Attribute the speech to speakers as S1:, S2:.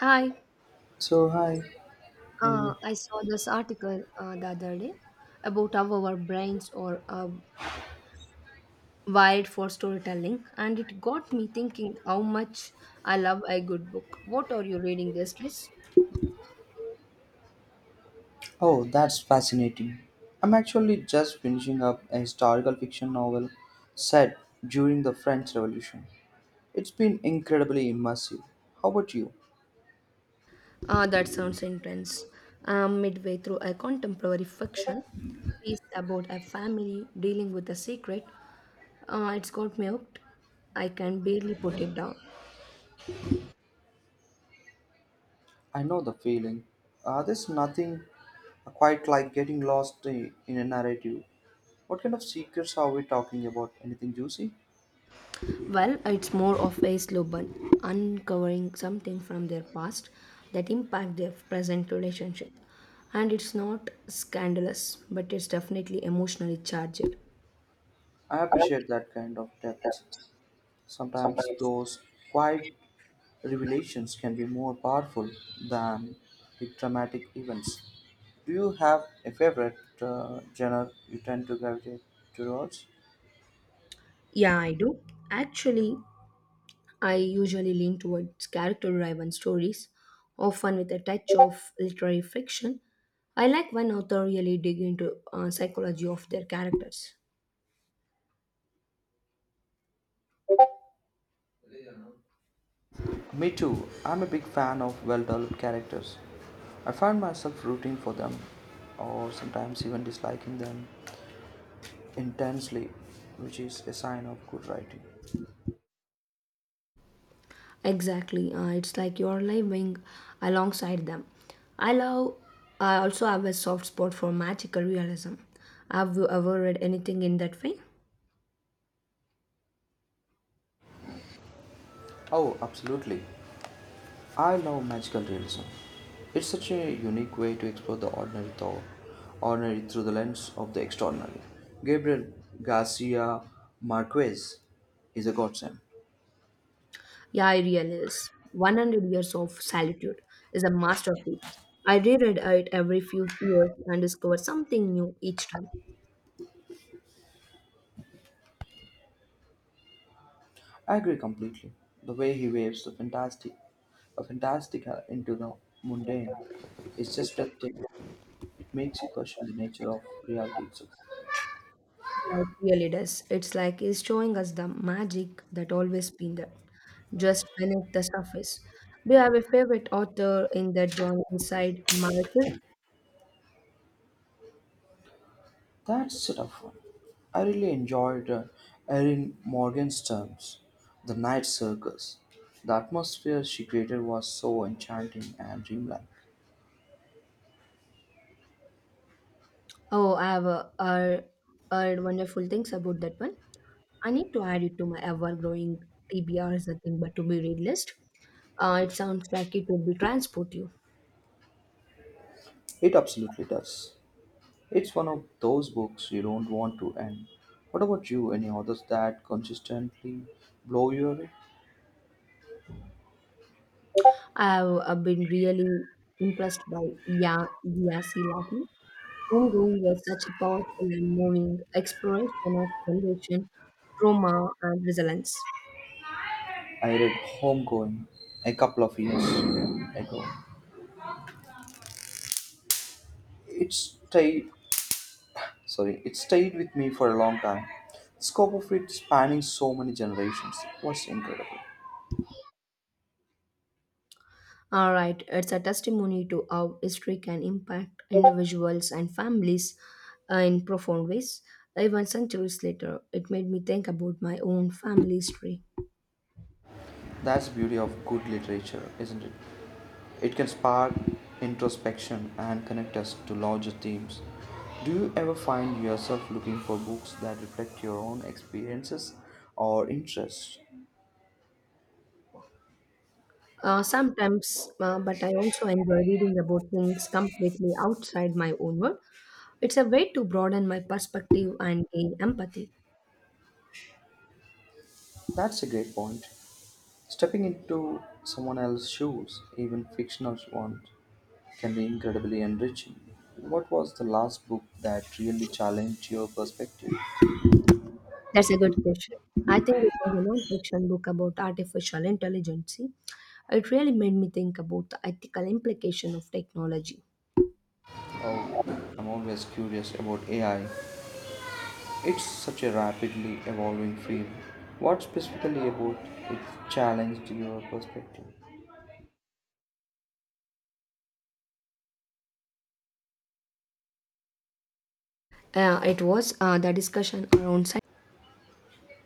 S1: Hi,
S2: So, hi, how are you?
S1: I saw this article the other day about how our brains are wired for storytelling, and it got me thinking how much I love a good book. What are you reading these days?
S2: Oh, that's fascinating. I'm actually just finishing up a historical fiction novel set during the French Revolution. It's been incredibly immersive. How about you?
S1: That sounds intense. I'm midway through a contemporary fiction piece about a family dealing with a secret. It's got me hooked. I can barely put it down.
S2: I know the feeling. There's nothing quite like getting lost in a narrative. What kind of secrets are we talking about? Anything juicy?
S1: Well, it's more of a slow burn, uncovering something from their past that impact their present relationship. And it's not scandalous, but it's definitely emotionally charged.
S2: I appreciate that kind of depth. Sometimes those quiet revelations can be more powerful than the dramatic events. Do you have a favorite genre you tend to gravitate towards?
S1: Yeah, I do. Actually, I usually lean towards character-driven stories, often with a touch of literary fiction. I like when authors really dig into psychology of their characters.
S2: Me too. I'm a big fan of well developed characters. I find myself rooting for them, or sometimes even disliking them intensely, which is a sign of good writing.
S1: Exactly. It's like you're living alongside them. I love, I also have a soft spot for magical realism. Have you ever read anything in that vein?
S2: Oh, absolutely. I love magical realism. It's such a unique way to explore the ordinary thought, ordinary through the lens of the extraordinary. Gabriel Garcia Marquez is a godsend.
S1: Yeah, I realize. 100 Years of Solitude is a masterpiece. I reread it every few years and discover something new each time.
S2: I agree completely. The way he waves the fantastic, a fantastica into the mundane, is just breathtaking. It makes you question the nature of reality itself.
S1: Yeah, it really does. It's like it's showing us the magic that always been there, just beneath the surface. Do you have a favorite author in that genre inside Marcus?
S2: That's a tough one. I really enjoyed Erin Morgan's terms, The Night Circus. The atmosphere she created was so enchanting and dreamlike.
S1: Oh, I have heard wonderful things about that one. I need to add it to my ever-growing TBR is nothing but to be read list. It sounds like it would be transport you.
S2: It absolutely does. It's one of those books you don't want to end. What about you? Any others that consistently blow you away?
S1: I have been really impressed by Ya Yasi Lati. Homegrown was such a powerful and moving exploration of generation, trauma, and resilience.
S2: I read Homegoing a couple of years ago. It stayed it stayed with me for a long time. The scope of it spanning so many generations was incredible.
S1: All right, it's a testimony to how history can impact individuals and families in profound ways. Even centuries later, it made me think about my own family history.
S2: That's the beauty of good literature, isn't it? It can spark introspection and connect us to larger themes. Do you ever find yourself looking for books that reflect your own experiences or interests?
S1: Sometimes, but I also enjoy reading about things completely outside my own world. It's a way to broaden my perspective and gain empathy.
S2: That's a great point. Stepping into someone else's shoes, even fictional ones, can be incredibly enriching. What was the last book that really challenged your perspective?
S1: That's a good question. I think it was a non-fiction book about artificial intelligence. It really made me think about the ethical implication of technology.
S2: Oh, I'm always curious about AI. It's such a rapidly evolving field. What specifically about it challenged your perspective?
S1: It was the discussion around science.